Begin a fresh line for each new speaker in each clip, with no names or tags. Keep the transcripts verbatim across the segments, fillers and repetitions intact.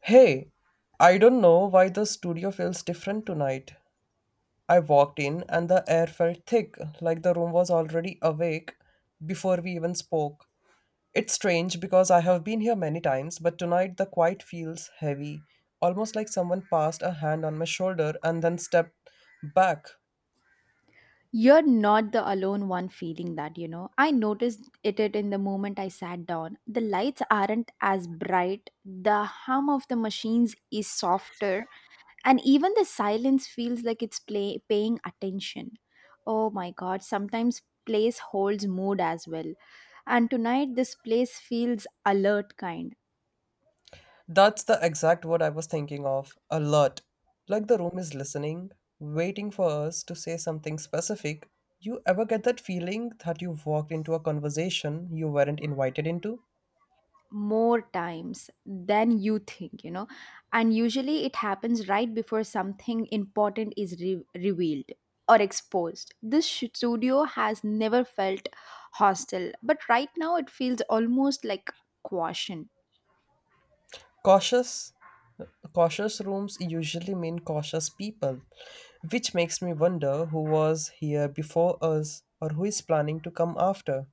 Hey, I don't know why the studio feels different tonight. I walked in and the air felt thick, like the room was already awake before we even spoke. It's strange because I have been here many times, but tonight the quiet feels heavy, almost like someone passed a hand on my shoulder and then stepped back.
You're not the alone one feeling that, you know. I noticed it, it in the moment I sat down. The lights aren't as bright, the hum of the machines is softer, and even the silence feels like it's play, paying attention. Oh my god, sometimes place holds mood as well. And tonight, this place feels alert kind.
That's the exact word I was thinking of alert. Like the room is listening, waiting for us to say something specific. You ever get that feeling that you walked into a conversation you weren't invited into?
More times than you think, you know and usually it happens right before something important is re- revealed or exposed. This sh- studio has never felt hostile, but right now it feels almost like caution.
Cautious, cautious rooms usually mean cautious people, which makes me wonder who was here before us or who is planning to come after.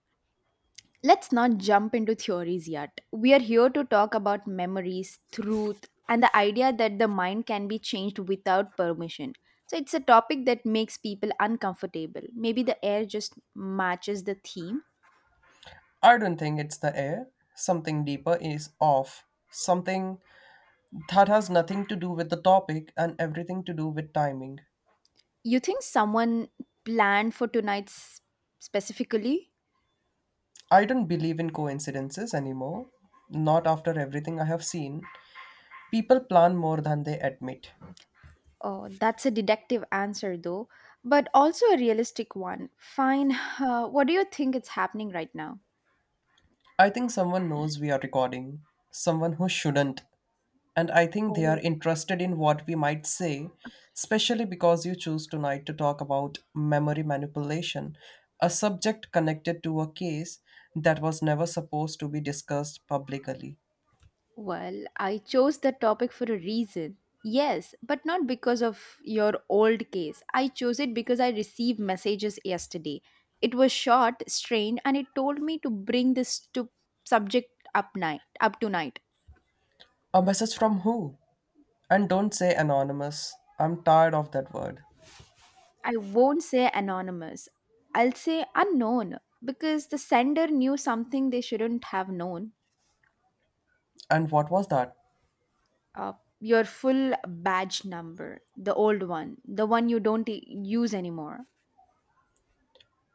Let's not jump into theories yet. We are here to talk about memories, truth, and the idea that the mind can be changed without permission. So it's a topic that makes people uncomfortable. Maybe the air just matches the theme.
I don't think it's the air. Something deeper is off. Something that has nothing to do with the topic and everything to do with timing.
You think someone planned for tonight's specifically?
I don't believe in coincidences anymore, not after everything I have seen. People plan more than they admit.
Oh, that's a deductive answer, though, but also a realistic one. Fine. Uh, what do you think is happening right now?
I think someone knows we are recording, someone who shouldn't, and I think they are
Oh.
interested in what we might say, especially because you choose tonight to talk about memory manipulation, a subject connected to a case that was never supposed to be discussed publicly.
Well, I chose that topic for a reason. Yes, but not because of your old case. I chose it because I received messages yesterday. It was short, strained, and it told me to bring this to subject up night up tonight.
A message from who? And don't say anonymous. I'm tired of that word.
I won't say anonymous. I'll say unknown, because the sender knew something they shouldn't have known.
And what was that?
Uh, your full badge number, the old one, the one you don't e- use anymore.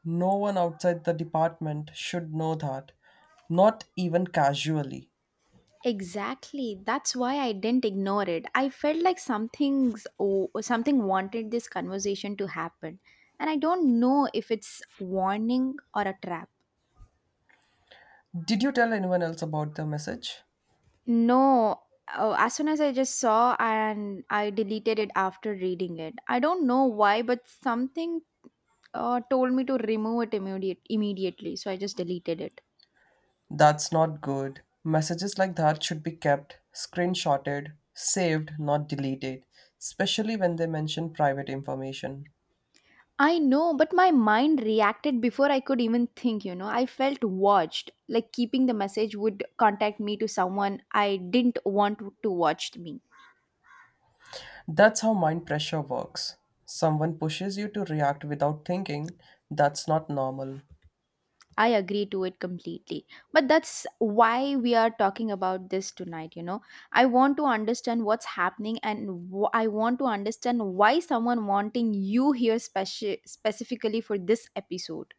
No one outside the department should know that. Not even casually.
Exactly. That's why I didn't ignore it. I felt like something's oh, something wanted this conversation to happen, and I don't know if it's warning or a trap.
Did you tell anyone else about the message?
No, uh, as soon as I just saw and I deleted it after reading it. I don't know why, but something uh, told me to remove it immediate immediately, so I just deleted it.
That's not good. Messages like that should be kept, screenshotted, saved, not deleted, especially when they mention private information.
I know, but my mind reacted before I could even think, you know. I felt watched, like keeping the message would contact me to someone I didn't want to watch me.
That's how mind pressure works. Someone pushes you to react without thinking. That's not normal.
I agree to it completely. But that's why we are talking about this tonight, you know. I want to understand what's happening and wh- I want to understand why someone wanting you here speci- specifically for this episode.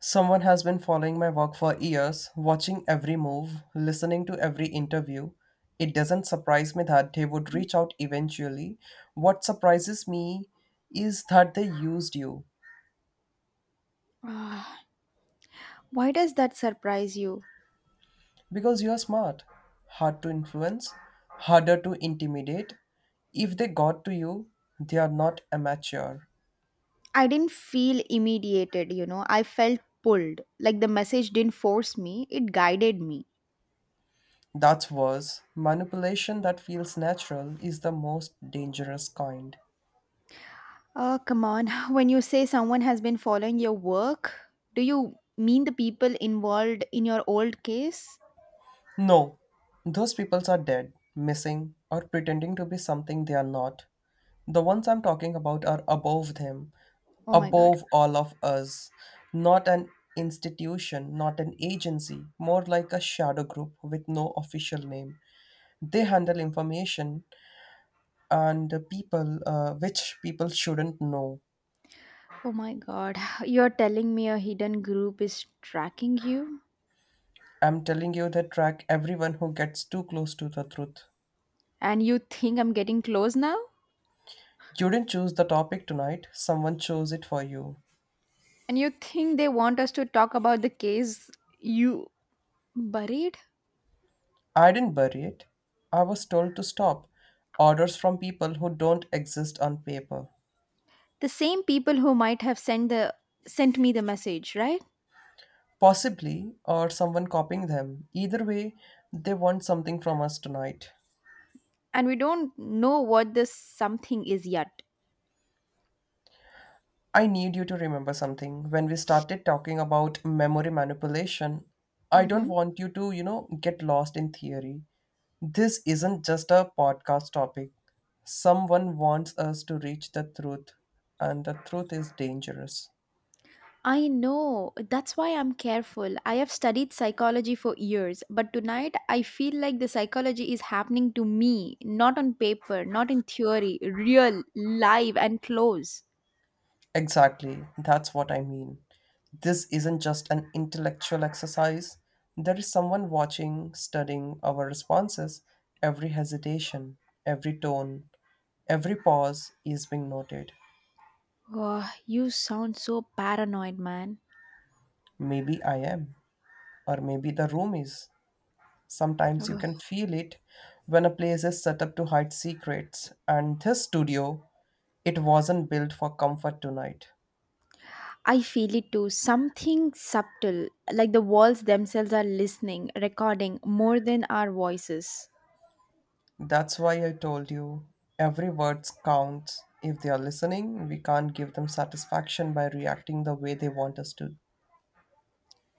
Someone has been following my work for years, watching every move, listening to every interview. It doesn't surprise me that they would reach out eventually. What surprises me is that they used you
Ah, why does that surprise you?
because you are smart, hard to influence, harder to intimidate. If they got to you, they are not amateur.
I didn't feel immediated, you know. I felt pulled. Like the message didn't force me, it guided me.
That's worse. Manipulation that feels natural is the most dangerous kind.
Oh, come on. When you say someone has been following your work, do you mean the people involved in your old case?
No, those peoples are dead, missing, or pretending to be something they are not. The ones I'm talking about are above them,
Oh my god.
above all of us. Not an institution, not an agency, more like a shadow group with no official name. They handle information and the people uh, which people shouldn't know.
Oh my god. You're telling me a hidden group is tracking you?
I'm telling you, they track everyone who gets too close to the truth.
And you think I'm getting close now?
You didn't choose the topic tonight, someone chose it for you.
And you think they want us to talk about the case you buried?
I didn't bury it. I was told to stop. Orders from people who don't exist on paper.
The same people who might have sent the sent me the message, right?
Possibly, or someone copying them. Either way, they want something from us tonight.
And we don't know what this something is yet.
I need you to remember something. When we started talking about memory manipulation, I don't
Mhm.
want you to, you know, get lost in theory. This isn't just a podcast topic. Someone wants us to reach the truth, and the truth is dangerous.
I know. That's why I'm careful. I have studied psychology for years, but tonight I feel like the psychology is happening to me, not on paper, not in theory, real, live, and close.
Exactly, that's what I mean. This isn't just an intellectual exercise, there is someone watching, studying our responses. Every hesitation, every tone, every pause is being noted.
Oh, you sound so paranoid, man.
Maybe I am, or maybe the room is. Sometimes you
Oh.
can feel it when a place is set up to hide secrets, and this studio, it wasn't built for comfort tonight.
I feel it too. Something subtle, like the walls themselves are listening, recording more than our voices.
That's why I told you every word counts. If they are listening, we can't give them satisfaction by reacting the way they want us to.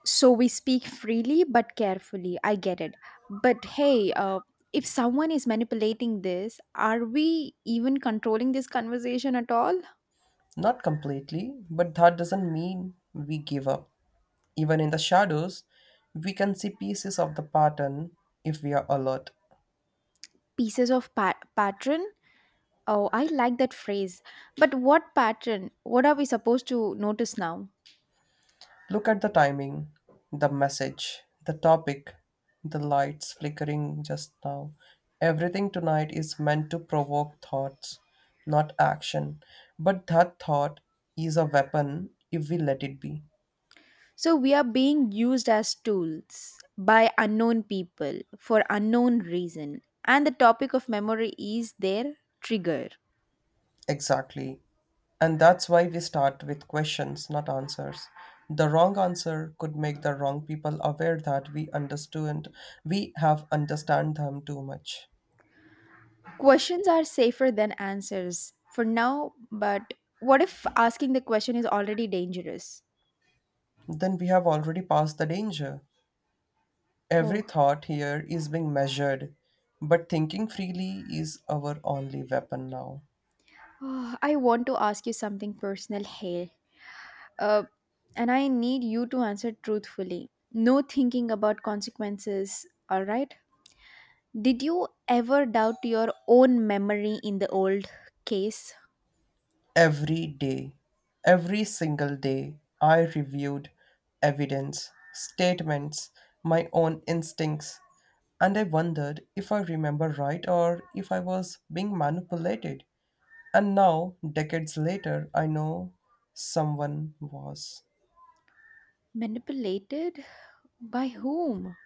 So we speak freely but carefully. I get it. But hey, uh, if someone is manipulating this, are we even controlling this conversation at all?
Not completely, but that doesn't mean we give up. Even in the shadows, we can see pieces of the pattern if we are alert.
Pieces of pa- pattern? Oh, I like that phrase. But what pattern? What are we supposed to notice now?
Look at the timing, the message, the topic, the lights flickering just now. Everything tonight is meant to provoke thoughts, not action. But that thought is a weapon if we let it be.
So we are being used as tools by unknown people for unknown reason. And the topic of memory is their trigger.
Exactly. And that's why we start with questions, not answers. The wrong answer could make the wrong people aware that we understood we have understand them too much.
Questions are safer than answers for now, but what if asking the question is already dangerous?
Then we have already passed the danger. Every
Oh,
thought here is being measured, but thinking freely is our only weapon now.
I want to ask you something personal, Hale. Uh, and I need you to answer truthfully. No thinking about consequences, alright? Did you ever doubt your own memory in the old case?
Every day, every single day, I reviewed evidence, statements, my own instincts, and I wondered if I remember right or if I was being manipulated. And now, decades later, I know someone was.
Manipulated? By whom?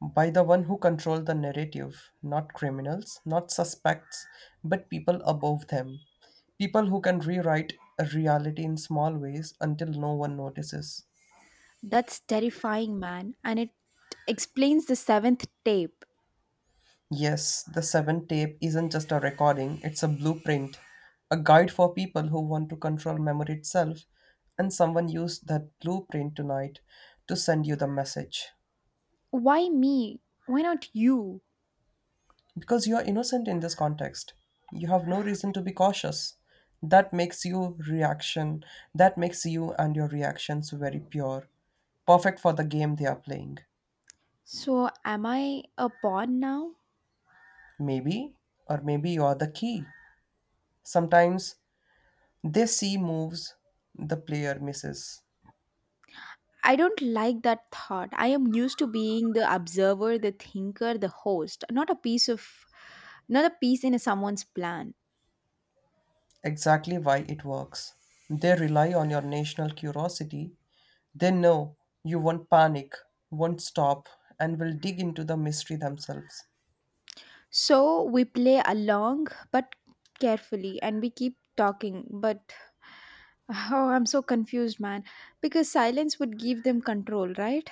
By the one who control the narrative, not criminals, not suspects, but people above them. People who can rewrite a reality in small ways until no one notices.
That's terrifying, man. And it explains the seventh tape.
Yes, the seven tape isn't just a recording, it's a blueprint, a guide for people who want to control memory itself, and someone used that blueprint tonight to send you the message.
Why me? Why not you?
Because you are innocent in this context. You have no reason to be cautious. That makes you reaction. That makes you and your reactions very pure. Perfect for the game they are playing.
So, am I a pawn now?
Maybe, or maybe you are the key. Sometimes they see moves the player misses.
I don't like that thought. I am used to being the observer, the thinker, the host, not a piece of not a piece in someone's plan.
Exactly why it works. They rely on your national curiosity. They know you won't panic, won't stop, and will dig into the mystery themselves.
So, we play along but carefully and we keep talking, but oh, I'm so confused, man, because silence would give them control, right?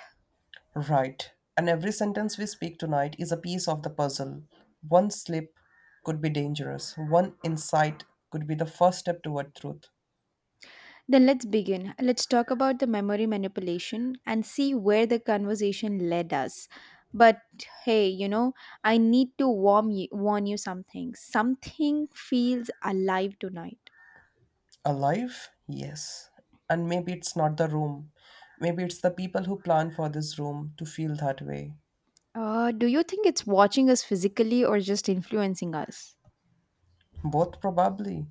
Right. And every sentence we speak tonight is a piece of the puzzle. One slip could be dangerous. One insight could be the first step toward truth.
Then let's begin. Let's talk about the memory manipulation and see where the conversation led us. But hey, you know, I need to warm you, warn you something. Something feels alive tonight.
Alive? Yes. And maybe it's not the room. Maybe it's the people who plan for this room to feel that way.
Uh, do you think it's watching us physically or just influencing us?
Both probably.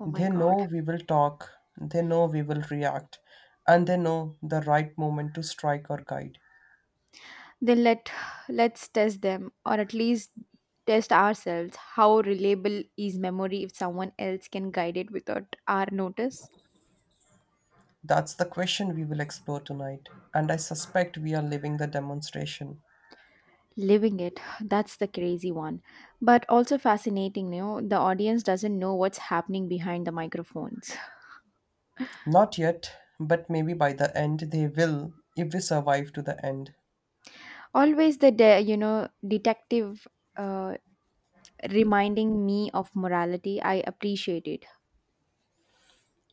Oh my
They
god.
know we will talk, they know we will react, and they know the right moment to strike or guide.
Then let let's test them or at least test ourselves. How reliable is memory if someone else can guide it without our notice?
That's the question we will explore tonight, and I suspect we are living the demonstration.
Living it, that's the crazy one. But also fascinating, you know, the audience doesn't know what's happening behind the microphones.
Not yet, but maybe by the end they will if we survive to the end.
Always the, de- you know, detective uh, reminding me of morality. I appreciate it.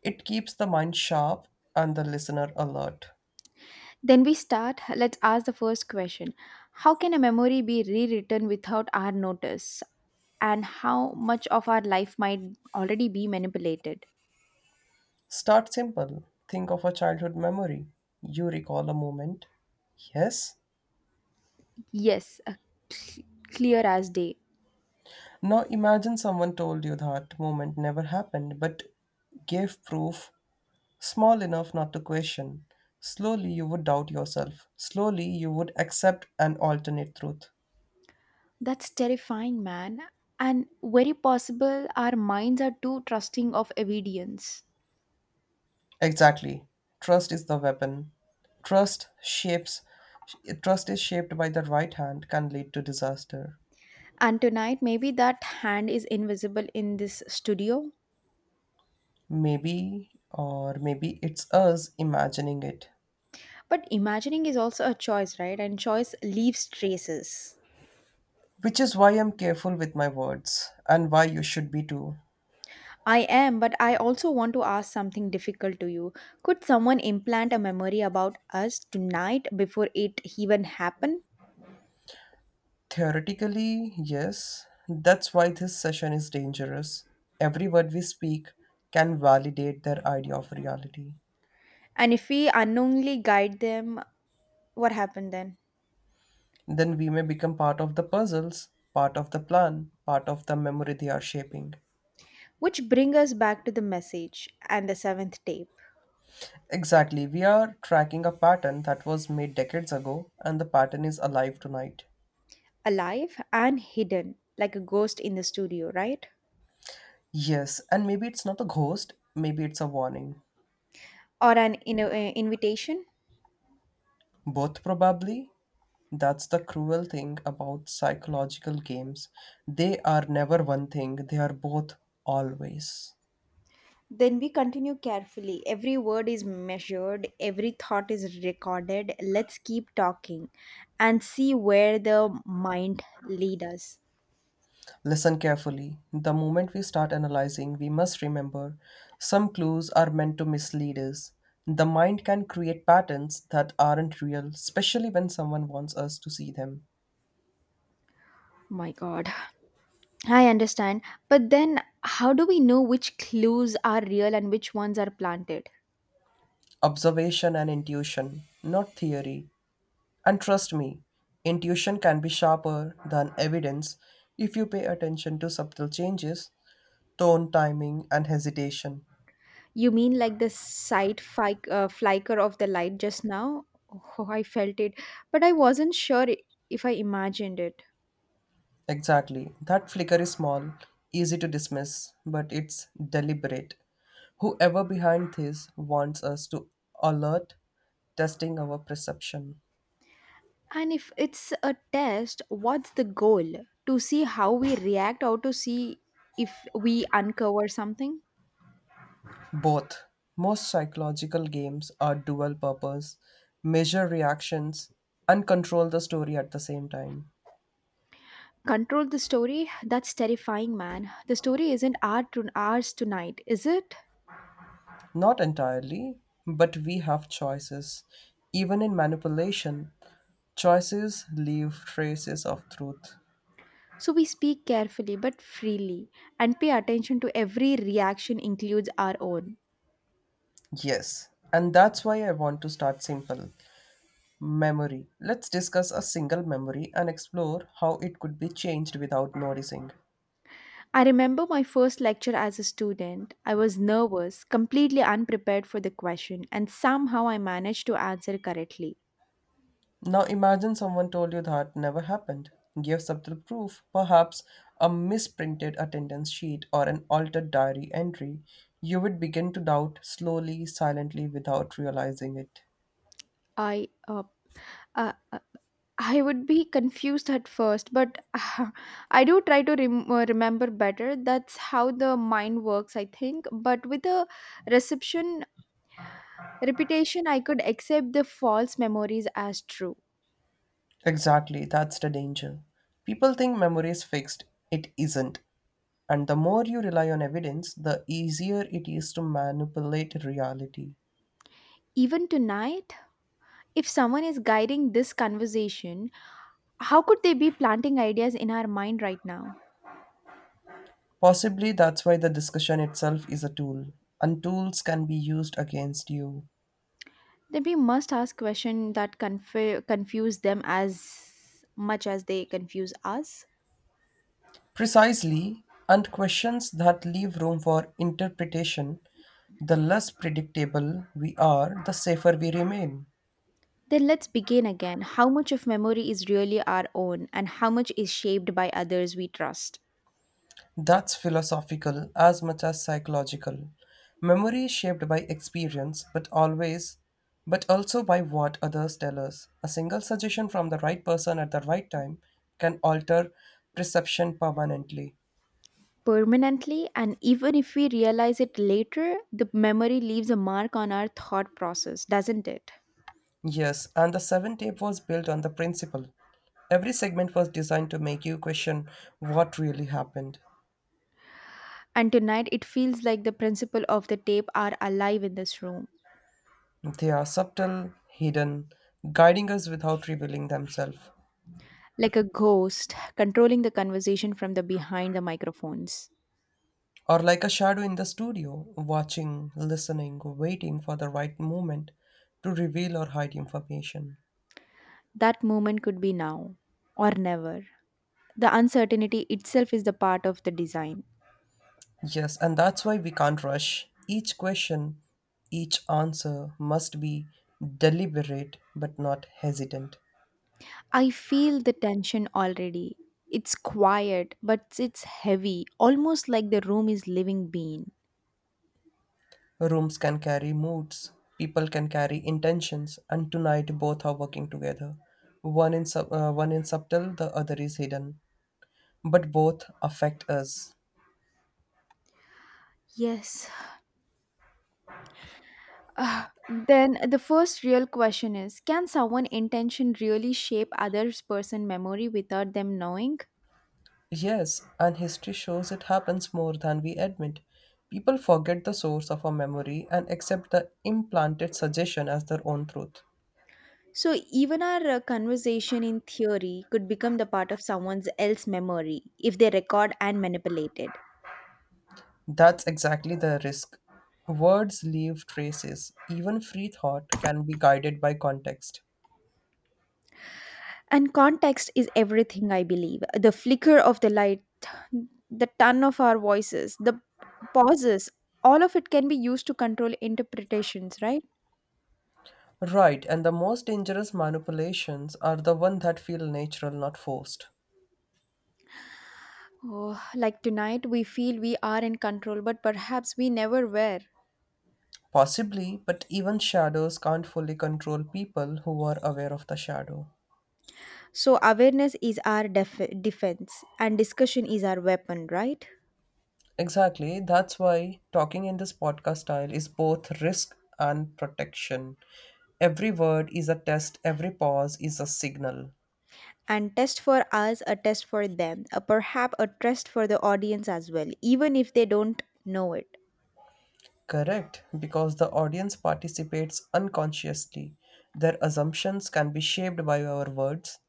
It keeps the mind sharp and the listener alert.
Then we start. Let's ask the first question. How can a memory be rewritten without our notice? And how much of our life might already be manipulated?
Start simple. Think of a childhood memory. You recall a moment. Yes?
Yes, uh, cl- clear as day.
Now imagine someone told you that moment never happened but gave proof small enough not to question. Slowly you would doubt yourself. Slowly you would accept an alternate truth.
That's terrifying, man. And very possible our minds are too trusting of evidence.
Exactly. Trust is the weapon. Trust shapes trust is shaped by the right hand can lead to disaster.
And tonight, maybe that hand is invisible in this studio.
Maybe or maybe it's us imagining it.
But imagining is also a choice, right? And choice leaves traces.
Which is why I'm careful with my words and why you should be too.
I am, but I also want to ask something difficult to you. Could someone implant a memory about us tonight before it even happened?
Theoretically, yes. That's why this session is dangerous. Every word we speak can validate their idea of reality.
And if we unknowingly guide them, what happened then?
Then we may become part of the puzzles, part of the plan, part of the memory they are shaping.
Which bring us back to the message and the seventh tape.
Exactly, we are tracking a pattern that was made decades ago, and the pattern is alive tonight.
Alive and hidden, like a ghost in the studio, right?
Yes, and maybe it's not a ghost, maybe it's a warning.
Or an in- uh, invitation.
Both probably. That's the cruel thing about psychological games. They are never one thing, they are both always.
Then we continue carefully. Every word is measured, every thought is recorded. Let's keep talking and see where the mind lead us.
Listen carefully. The moment we start analyzing, we must remember some clues are meant to mislead us. The mind can create patterns that aren't real, especially when someone wants us to see them.
My God. I understand. But then, how do we know which clues are real and which ones are planted?
Observation and intuition, not theory. And trust me, intuition can be sharper than evidence if you pay attention to subtle changes, tone, timing, and hesitation.
You mean like the side fi- uh, flicker of the light just now? Oh, I felt it, but I wasn't sure i- if I imagined it.
Exactly, that flicker is small, easy to dismiss, but it's deliberate. Whoever behind this wants us to alert, testing our perception.
And if it's a test, what's the goal? To see how we react or to see if we uncover something?
Both. Most psychological games are dual purpose, measure reactions, and control the story at the same time.
Control the story? That's terrifying, man. The story isn't our to- ours tonight, is it?
Not entirely, but we have choices. Even in manipulation, choices leave traces of truth.
So we speak carefully but freely and pay attention to every reaction includes our own.
Yes, and that's why I want to start simple. Memory. Let's discuss a single memory and explore how it could be changed without noticing.
I remember my first lecture as a student. I was nervous, completely unprepared for the question, and somehow I managed to answer correctly.
Now imagine someone told you that never happened. Give subtle proof, perhaps a misprinted attendance sheet or an altered diary entry. You would begin to doubt slowly, silently, without realizing it.
I uh, uh, uh, I would be confused at first, but I do try to rem- uh, remember better. That's how the mind works, I think. But with a reception repetition, I could accept the false memories as true.
Exactly, that's the danger. People think memory is fixed, it isn't. And the more you rely on evidence, the easier it is to manipulate reality.
Even tonight, if someone is guiding this conversation, how could they be planting ideas in our mind right now?
Possibly that's why the discussion itself is a tool, and tools can be used against you.
Then we must ask questions that conf- confuse them as much as they confuse us.
Precisely, and questions that leave room for interpretation, the less predictable we are, the safer we remain.
Then let's begin again. How much of memory is really our own and how much is shaped by others we trust?
That's philosophical as much as psychological. Memory is shaped by experience, but always, but also by what others tell us. A single suggestion from the right person at the right time can alter perception permanently.
Permanently, and even if we realize it later, the memory leaves a mark on our thought process, doesn't it?
Yes, and the seven tape was built on the principle. Every segment was designed to make you question what really happened.
And tonight, it feels like the principle of the tape are alive in this room,
They are subtle, hidden, guiding us without revealing themselves.
like a ghost controlling the conversation from the behind the microphones.
Or like a shadow in the studio, watching, listening, waiting for the right moment to reveal or hide information.
That moment could be now or never. The uncertainty itself is the part of the design.
Yes, and that's why we can't rush. Each question, each answer must be deliberate but not hesitant.
I feel the tension already. It's quiet, but it's heavy, almost like the room is living being.
Rooms can carry moods, people can carry intentions, and tonight both are working together. One in sub- uh, one in subtle, the other is hidden, but both affect us.
Yes. Ah, then the first real question is, can someone intention really shape others person memory without them knowing?
Yes, and history shows it happens more than we admit. People forget the source of a memory and accept the implanted suggestion as their own truth.
So even our uh, conversation in theory could become the part of someone's else memory if they record and manipulate it.
That's exactly the risk. Words leave traces. Even free thought can be guided by context.
And context is everything, I believe. The flicker of the light, the ton of our voices, the pauses, all of it can be used to control interpretations, right?
Right, and the most dangerous manipulations are the ones that feel natural, not forced.
Oh, like tonight, we feel we are in control, but perhaps we never were.
Possibly, but even shadows can't fully control people who are aware of the shadow.
So, awareness is our def- defense, and discussion is our weapon, right?
Exactly, that's why talking in this podcast style is both risk and protection. Every word is a test, every pause is a signal.
And test for us, a test for them, a perhaps a test for the audience as well, even if they don't know it.
Correct, because the audience participates unconsciously. Their assumptions can be shaped by our words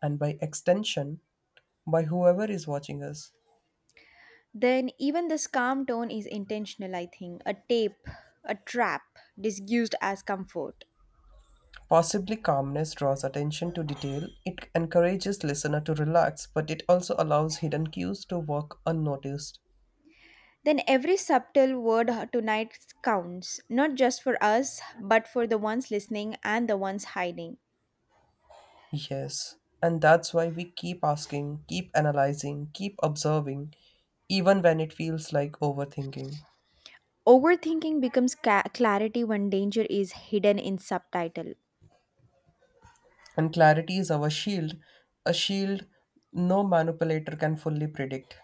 and by extension by whoever is watching us.
Then even this calm tone is intentional, I think. A tape a trap disguised as comfort.
Possibly calmness draws attention to detail. It encourages listener to relax, but it also allows hidden cues to walk unnoticed.
Then every subtle word tonight counts, not just for us but for the ones listening and the ones hiding.
Yes, and that's why we keep asking, keep analyzing, keep observing, even when it feels like overthinking.
Overthinking becomes ca- clarity when danger is hidden in subtitle.
And clarity is our shield, a shield no manipulator can fully predict.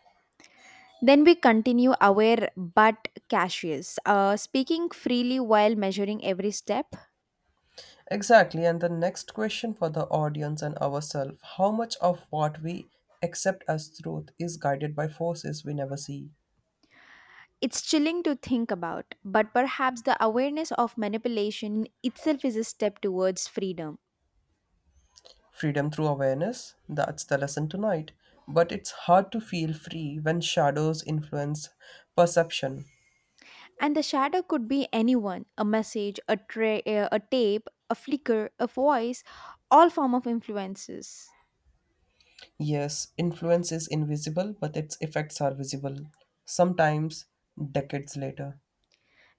Then we continue aware but cautious, uh, speaking freely while measuring every step.
Exactly. And the next question for the audience and ourselves how much of what we accept as truth is guided by forces we never see?
It's chilling to think about, but perhaps the awareness of manipulation itself is a step towards freedom.
Freedom through awareness, that's the lesson tonight. But it's hard to feel free when shadows influence perception.
And the shadow could be anyone, a message, a, tra- uh, a tape, a flicker, a voice, all form of influences.
Yes, influence is invisible, but its effects are visible, sometimes decades later.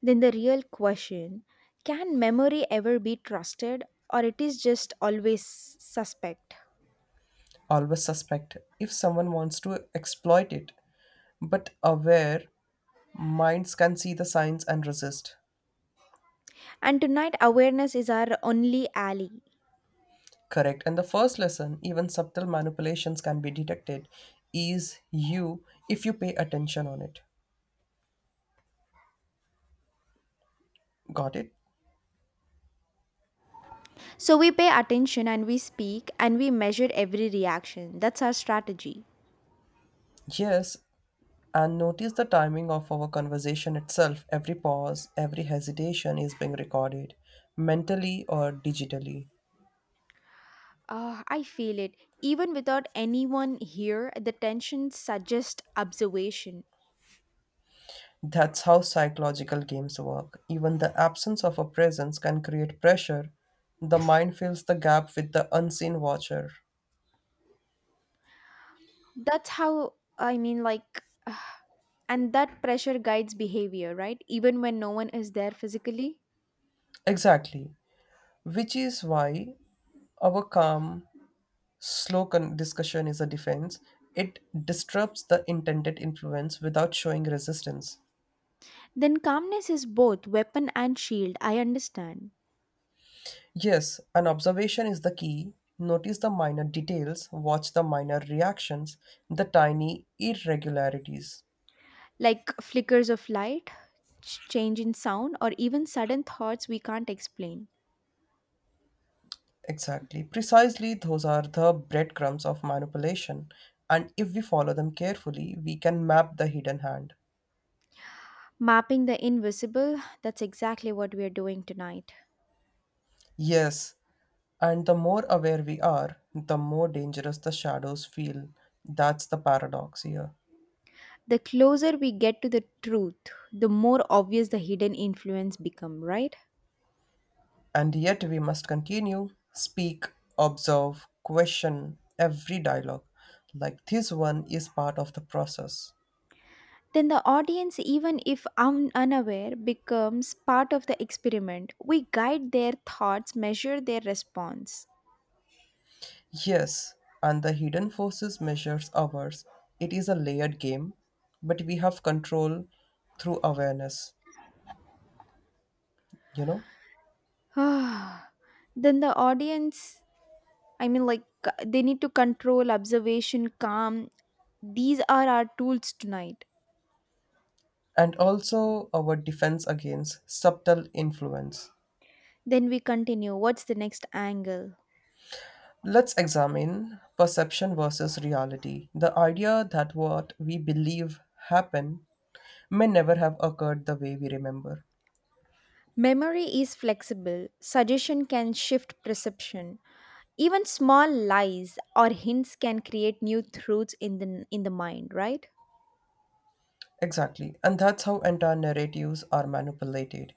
Then the real question, can memory ever be trusted, or it is just always suspect?
Always suspect if someone wants to exploit it, but aware minds can see the signs and resist.
And tonight, awareness is our only ally.
Correct. And the first lesson, even subtle manipulations can be detected, is you if you pay attention on it. Got it?
So we pay attention and we speak and we measure every reaction. That's our strategy.
Yes. And notice the timing of our conversation itself. Every pause, every hesitation is being recorded mentally or digitally.
Ah, I feel it. Even without anyone here, the tension suggests observation.
That's how psychological games work. Even the absence of a presence can create pressure. The mind fills the gap with the unseen watcher.
That's how, I mean, like, and that pressure guides behavior, right? Even when no one is there physically.
Exactly. Which is why our calm, slow con- discussion is a defense. It disrupts the intended influence without showing resistance.
Then calmness is both weapon and shield. I understand.
Yes, an observation is the key. Notice the minor details, watch the minor reactions, the tiny irregularities.
Like flickers of light, ch- change in sound, or even sudden thoughts we can't explain.
Exactly. Precisely, those are the breadcrumbs of manipulation. And if we follow them carefully, we can map the hidden hand.
Mapping the invisible, that's exactly what we are doing tonight.
Yes, and the more aware we are, the more dangerous the shadows feel. That's the paradox here.
The closer we get to the truth, the more obvious the hidden influence become, right?
And yet, we must continue, speak, observe, question every dialogue. Like this one is part of the process.
Then the audience, even if un- unaware, becomes part of the experiment. We guide their thoughts, measure their response.
Yes, and the hidden forces measures ours. It is a layered game, but we have control through awareness, you know,
Then the audience, I mean, like, they need to control observation, calm, these are our tools tonight.
and also our defense against subtle influence.
Then we continue. What's the next angle?
Let's examine perception versus reality. The idea that what we believe happen may never have occurred the way we remember.
Memory is flexible. Suggestion can shift perception. Even small lies or hints can create new truths in the in the mind, right?
Exactly, and that's how entire narratives are manipulated,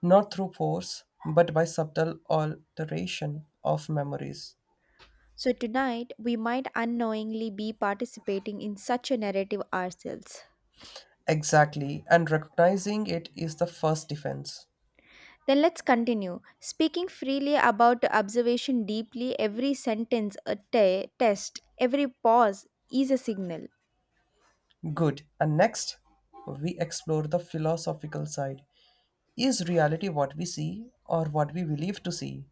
not through force, but by subtle alteration of memories.
So tonight we might unknowingly be participating in such a narrative ourselves.
Exactly, and recognizing it is the first defense.
Then let's continue. Speaking freely about observation deeply, every sentence a te- test, every pause is a signal.
Good, and next, we explore the philosophical side. Is reality what we see or what we believe to see?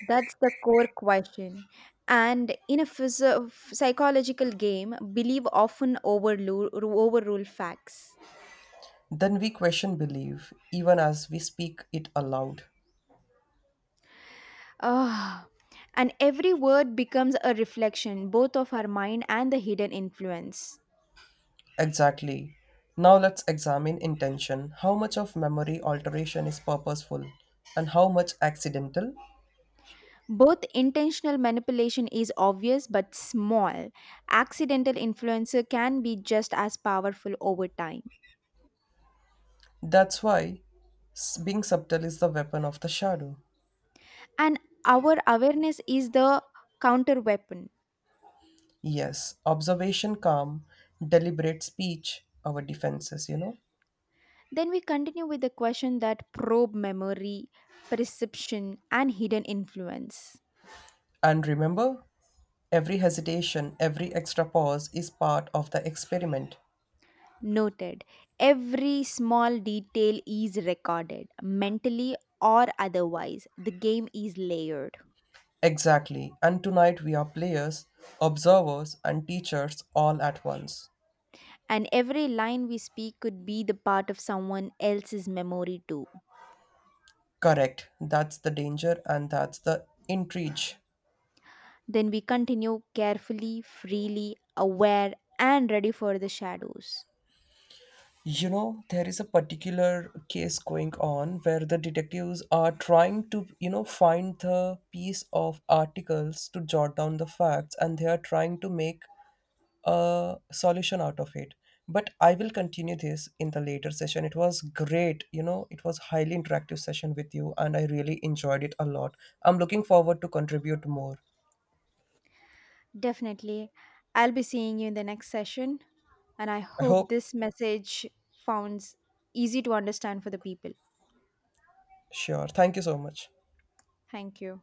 That's the core question. And in a physio- psychological game, belief often overrule, overrule facts.
Then we question belief, even as we speak it aloud.
Ah, and every word becomes a reflection both of our mind and the hidden influence.
Exactly. Now let's examine intention. How much of memory alteration is purposeful and how much accidental?
Both intentional manipulation is obvious but small. Accidental influencer can be just as powerful over time.
That's why s- being subtle is the weapon of the shadow.
And our awareness is the counter weapon.
Yes, observation, calm, deliberate speech, our defenses, you know.
Then we continue with the question that probe memory, perception, and hidden influence.
And remember, every hesitation, every extra pause is part of the experiment.
Noted, every small detail is recorded, mentally or otherwise. The game is layered.
Exactly. And tonight we are players, observers, and teachers all at once.
And every line we speak could be the part of someone else's memory too.
Correct. That's the danger and that's the intrigue.
Then we continue carefully, freely, aware, and ready for the shadows.
You know, there is a particular case going on where the detectives are trying to, you know, find the piece of articles to jot down the facts and they are trying to make a solution out of it. But I will continue this in the later session. It was great, you know, it was highly interactive session with you and I really enjoyed it a lot. I'm looking forward to contribute more.
Definitely. I'll be seeing you in the next session, and I
I
hope
hope.
this message founds easy to understand for the people.
Sure. Thank you so much.
Thank you.